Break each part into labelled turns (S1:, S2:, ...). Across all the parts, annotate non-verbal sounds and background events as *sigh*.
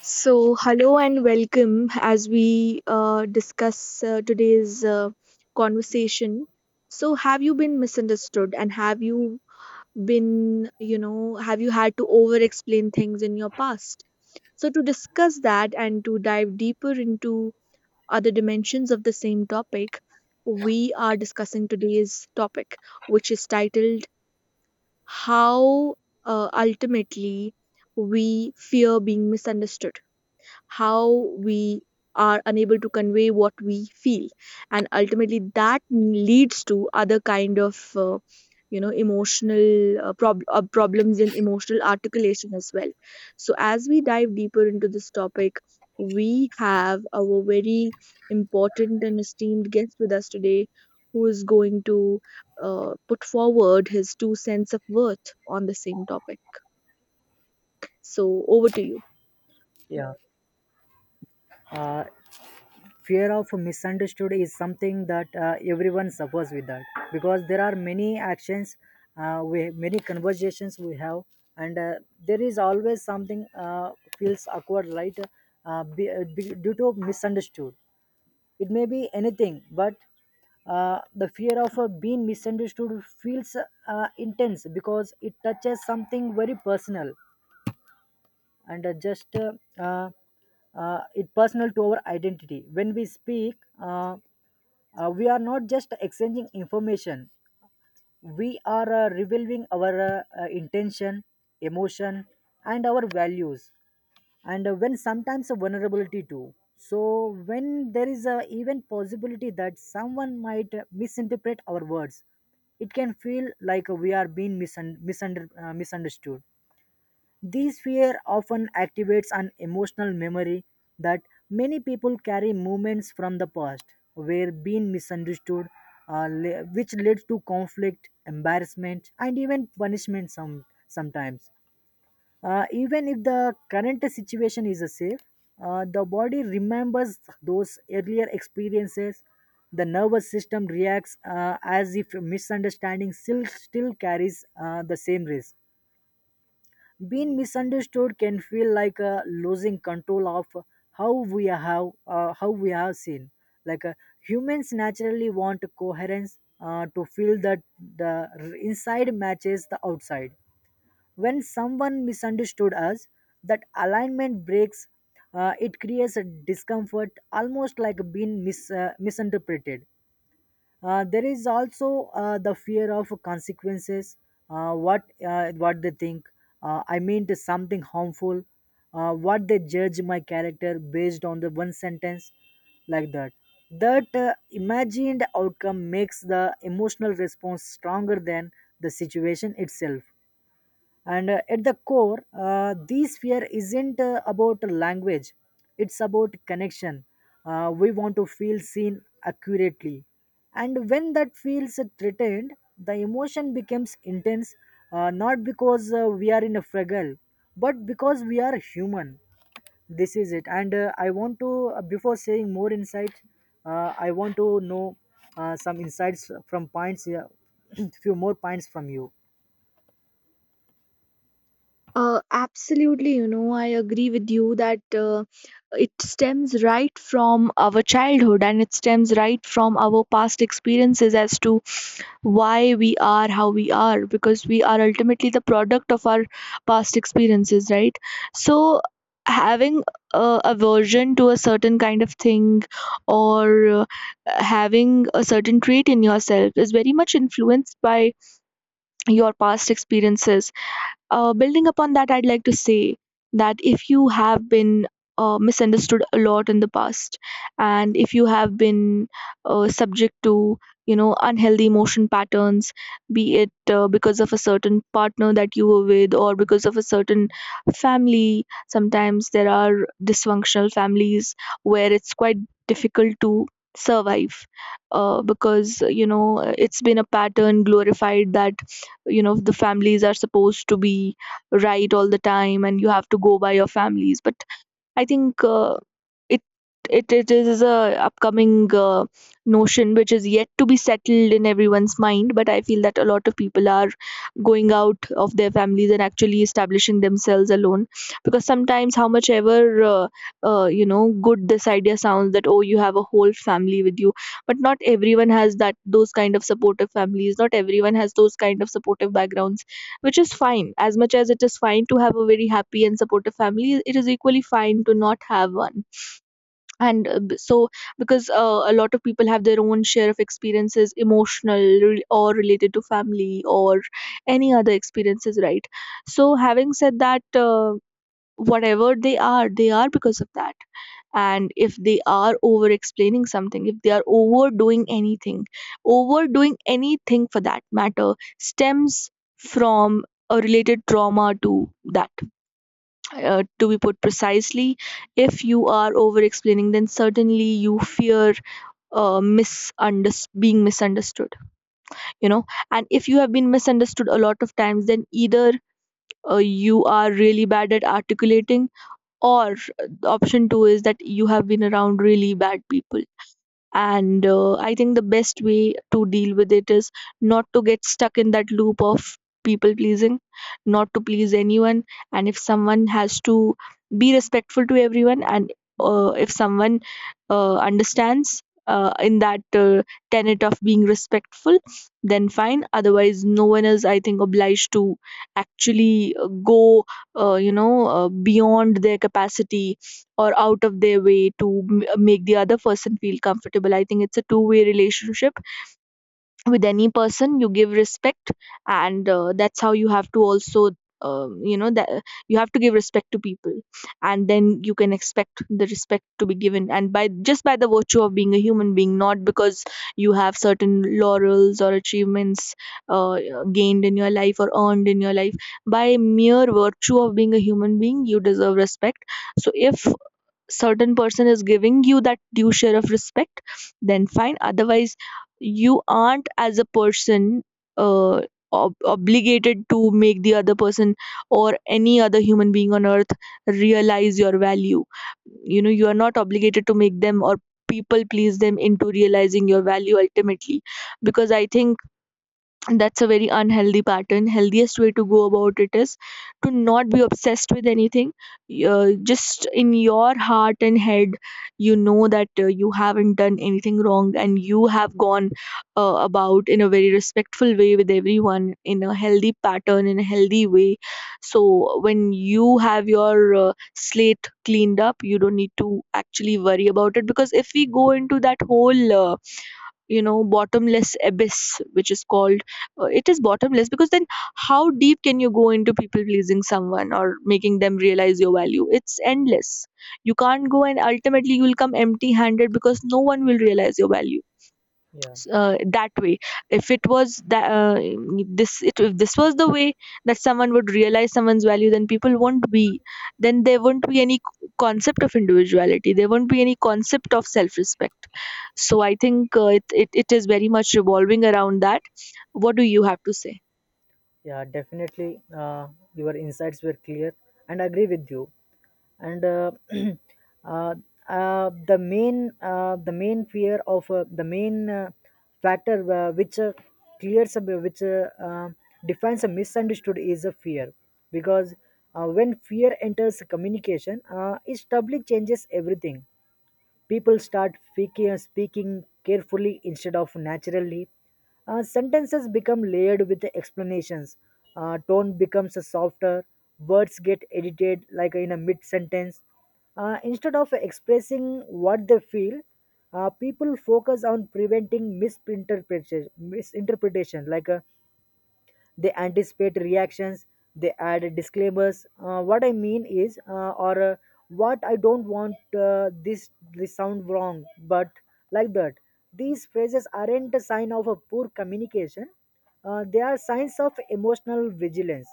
S1: So, hello and welcome as we discuss today's conversation. So, have you been misunderstood, and have you been, have you had to over explain things in your past? So, to discuss that and to dive deeper into other dimensions of the same topic, we are discussing today's topic, which is titled "How Ultimately We Fear Being Misunderstood," how we are unable to convey what we feel, and ultimately that leads to other kind of emotional problems in emotional articulation as well. So as we dive deeper into this topic, we have our very important and esteemed guest with us today, who is going to put forward his two cents of worth on the same topic. So, over to you.
S2: yeah uh, Fear of misunderstood is something that everyone suffers with that, because there are many actions, we many conversations we have. And there is always something feels awkward, right? Due to misunderstood, it may be anything, but the fear of being misunderstood feels intense because it touches something very personal. And just uh, it personal to our identity. When we speak, uh, we are not just exchanging information, we are revealing our intention, emotion, and our values, and when sometimes a vulnerability too. So when there is a even possibility that someone might misinterpret our words, it can feel like we are being misunderstood. This fear often activates an emotional memory that many people carry, moments from the past where being misunderstood which leads to conflict, embarrassment, and even punishment sometimes. Even if the current situation is safe, the body remembers those earlier experiences. The nervous system reacts as if misunderstanding still carries the same risk. Being misunderstood can feel like losing control of how we have seen. Like, humans naturally want coherence, to feel that the inside matches the outside. When someone misunderstood us, that alignment breaks. It creates a discomfort, almost like being misinterpreted. There is also the fear of consequences. What they think? I mean, to something harmful. What they judge my character based on the one sentence, like that. That imagined outcome makes the emotional response stronger than the situation itself. And at the core, this fear isn't about language, it's about connection. We want to feel seen accurately, and when that feels threatened, the emotion becomes intense, not because we are in a struggle, but because we are human. This is it. And I want to, before saying more insights, I want to know some insights from points. Yeah, *clears throat* few more points from you.
S1: Absolutely, you know, I agree with you that it stems right from our childhood, and it stems right from our past experiences as to why we are how we are, because we are ultimately the product of our past experiences, right? So, having aversion to a certain kind of thing, or having a certain trait in yourself, is very much influenced by your past experiences. Building upon that, I'd like to say that if you have been misunderstood a lot in the past, and if you have been subject to unhealthy emotion patterns, be it because of a certain partner that you were with, or because of a certain family. Sometimes there are dysfunctional families where it's quite difficult to survive, because it's been a pattern glorified that the families are supposed to be right all the time and you have to go by your families. But I think it it is a upcoming notion which is yet to be settled in everyone's mind. But I feel that a lot of people are going out of their families and actually establishing themselves alone, because sometimes, how much ever good this idea sounds that oh, you have a whole family with you, but not everyone has that. Those kind of supportive families, not everyone has those kind of supportive backgrounds, which is fine. As much as it is fine to have a very happy and supportive family, it is equally fine to not have one. And so, because a lot of people have their own share of experiences, emotional or related to family or any other experiences, right? So, having said that, whatever they are, they are because of that. And if they are over explaining something, if they are overdoing anything, overdoing anything for that matter stems from a related trauma to that. To be put precisely, if you are over explaining, then certainly you fear being misunderstood, you know. And if you have been misunderstood a lot of times, then either you are really bad at articulating, or option 2 is that you have been around really bad people. And I think the best way to deal with it is not to get stuck in that loop of people pleasing, not to please anyone. And if someone has to be respectful to everyone, and if someone understands in that tenet of being respectful, then fine. Otherwise, no one is, I think, obliged to actually go beyond their capacity or out of their way to make the other person feel comfortable. I think it's a two-way relationship with any person. You give respect, and that's how you have to also. You know that you have to give respect to people, and then you can expect the respect to be given, and by just by the virtue of being a human being, not because you have certain laurels or achievements gained in your life or earned in your life. By mere virtue of being a human being, you deserve respect. So if certain person is giving you that due share of respect, then fine. Otherwise, you aren't as a person uh, obligated to make the other person or any other human being on earth realize your value. You know, you are not obligated to make them or people please them into realizing your value ultimately, because I think that's a very unhealthy pattern. Healthiest way to go about it is to not be obsessed with anything. Just in your heart and head, you know that you haven't done anything wrong and you have gone about in a very respectful way with everyone, in a healthy pattern, in a healthy way. So when you have your slate cleaned up, you don't need to actually worry about it. Because if we go into that whole bottomless abyss, which is called, it is bottomless, because then how deep can you go into people pleasing someone or making them realize your value? It's endless. You can't go, and ultimately you will come empty handed, because no one will realize your value.
S2: Yeah.
S1: That way, if it was that, if this was the way that someone would realize someone's value, then people won't be, then there won't be any concept of individuality, there won't be any concept of self-respect. So I think it is very much revolving around that. What do you have to say?
S2: Yeah, definitely. Your insights were clear, and I agree with you. And *clears throat* uh, the main fear of, the main factor which clears up, which defines a misunderstood is a fear, because when fear enters communication, it doubly changes everything. People start speaking carefully instead of naturally. Sentences become layered with the explanations. Tone becomes softer. Words get edited like in a mid sentence. Instead of expressing what they feel, people focus on preventing misinterpretation. Misinterpretation, like, they anticipate reactions, they add disclaimers. What I mean is, or what I don't want, this this sound wrong, but like that. These phrases aren't a sign of a poor communication, they are signs of emotional vigilance.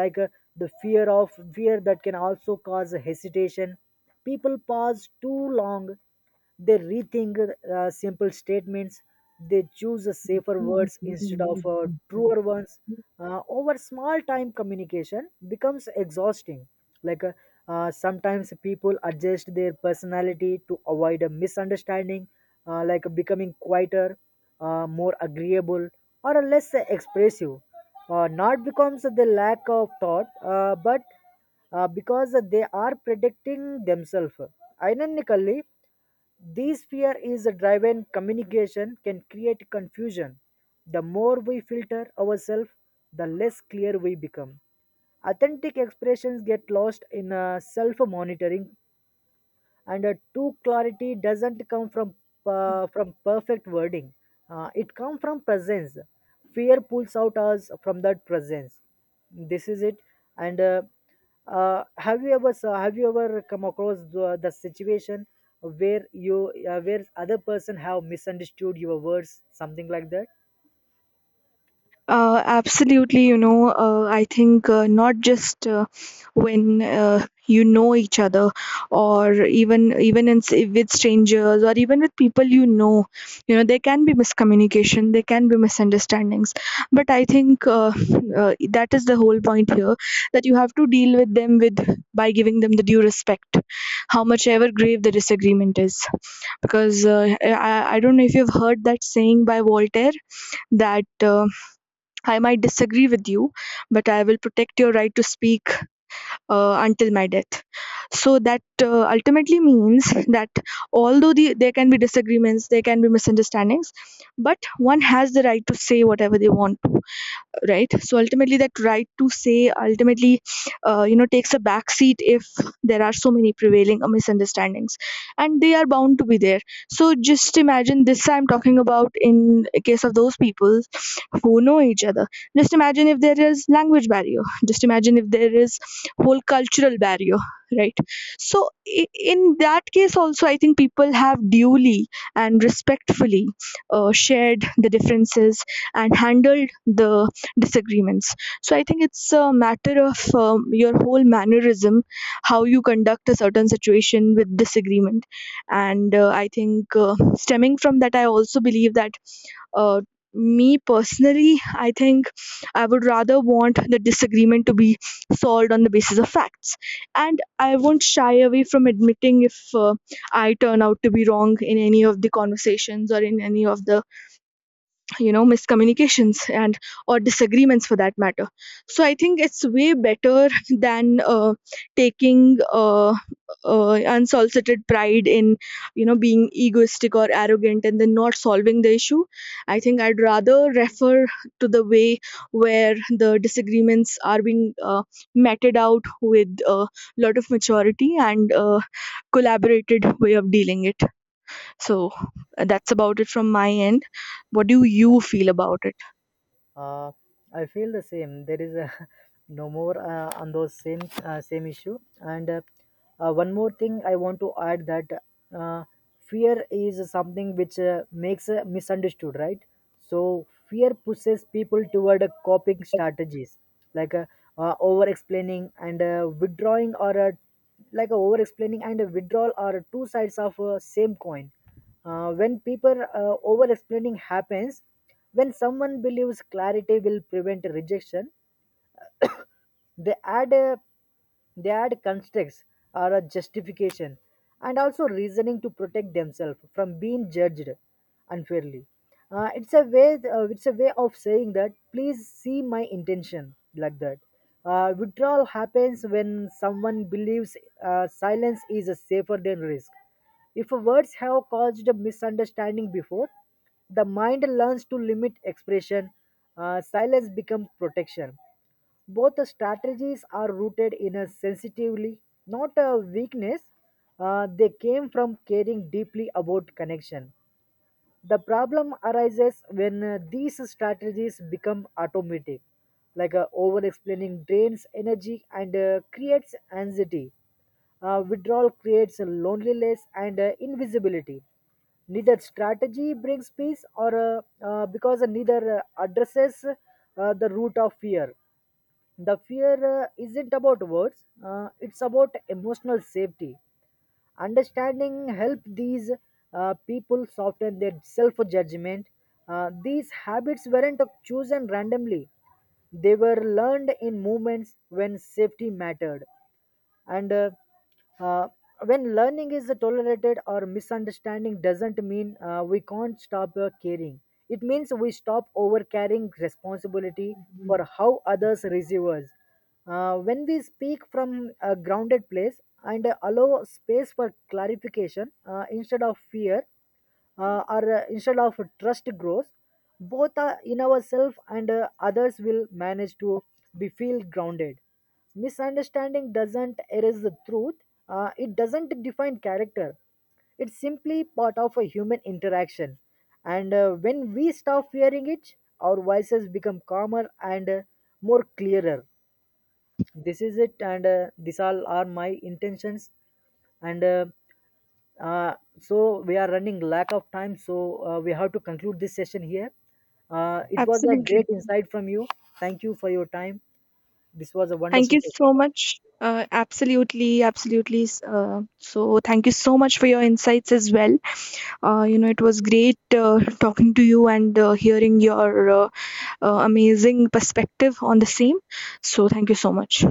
S2: Like, the fear of fear that can also cause hesitation. People pause too long, they rethink simple statements. They choose a safer words instead of truer ones. Over small time, communication becomes exhausting. Like, sometimes people adjust their personality to avoid a misunderstanding, like becoming quieter, more agreeable, or less expressive. Not because of the lack of thought, but because they are protecting themselves. Ironically, this fear is driven communication can create confusion. The more we filter ourselves, the less clear we become. Authentic expressions get lost in self monitoring, and true clarity doesn't come from, from perfect wording, it comes from presence. Fear pulls out us from that presence. This is it. And have you ever have you ever come across the situation where you, where other person have misunderstood your words, something like that?
S1: Absolutely, you know, I think not just when you know each other, or even with strangers, or even with people you know, there can be miscommunication, there can be misunderstandings. But I think, that is the whole point here, that you have to deal with them with, by giving them the due respect, how much ever grave the disagreement is. Because I don't know if you've heard that saying by Voltaire that. I might disagree with you, but I will protect your right to speak until my death. So that ultimately means that, although there can be disagreements, there can be misunderstandings, but one has the right to say whatever they want to, right? So ultimately that right to say ultimately takes a back seat if there are so many prevailing misunderstandings, and they are bound to be there. So just imagine this, I'm talking about in case of those people who know each other. Just imagine if there is language barrier, just imagine if there is whole cultural barrier, right? So in that case also, I think people have duly and respectfully shared the differences and handled the disagreements. So I think it's a matter of your whole mannerism, how you conduct a certain situation with disagreement. And I think, stemming from that, I also believe that, uh, me personally, I think I would rather want the disagreement to be solved on the basis of facts. And I won't shy away from admitting if uh, I turn out to be wrong in any of the conversations or in any of the miscommunications and or disagreements for that matter. So I think it's way better *laughs* than taking unsolicited pride in being egoistic or arrogant and then not solving the issue. I think I'd rather refer to the way where the disagreements are being meted out with a lot of maturity and collaborated way of dealing it. So, that's about it from my end. What do you feel about it?
S2: uh, I feel the same. *laughs* No more on those same issue. And one more thing I want to add, that uh, fear is something which makes misunderstood, right? So fear pushes people toward coping strategies, like, over explaining and withdrawing, or like over explaining and a withdrawal are two sides of a same coin. Uh, when people uh, over explaining happens, when someone believes clarity will prevent rejection, they add a they add constructs or a justification, and also reasoning to protect themselves from being judged unfairly. It's a way of saying that please see my intention, like that. Withdrawal happens when someone believes silence is safer than risk. If words have caused a misunderstanding before, the mind learns to limit expression. Silence becomes protection. Both the strategies are rooted in a sensitively, not a weakness. They came from caring deeply about connection. The problem arises when these strategies become automatic, like, over explaining drains energy and creates anxiety. Withdrawal creates loneliness and invisibility. Neither strategy brings peace, or because neither addresses the root of fear. The fear isn't about words, it's about emotional safety. Understanding help these people soften their self-judgment. These habits weren't chosen randomly, they were learned in moments when safety mattered. And uh, uh, when learning is tolerated or misunderstanding, doesn't mean we can't stop caring, it means we stop over carrying responsibility for how others receive us. When we speak from a grounded place and allow space for clarification instead of fear, or instead of trust grows, both in ourselves and others will manage to be feel grounded. Misunderstanding doesn't erase the truth, it doesn't define character, it's simply part of a human interaction. And when we stop fearing it, our voices become calmer and more clearer. This is it. And these all are my intentions. And uh, so we are running lack of time, so we have to conclude this session here. It was a
S1: Absolutely.
S2: great insight from you. Thank you for your time. This was a
S1: Thank
S2: wonderful
S1: you so
S2: session.
S1: much. Absolutely, absolutely. So, thank you so much for your insights as well. You know, it was great talking to you and hearing your amazing perspective on the same. So, thank you so much.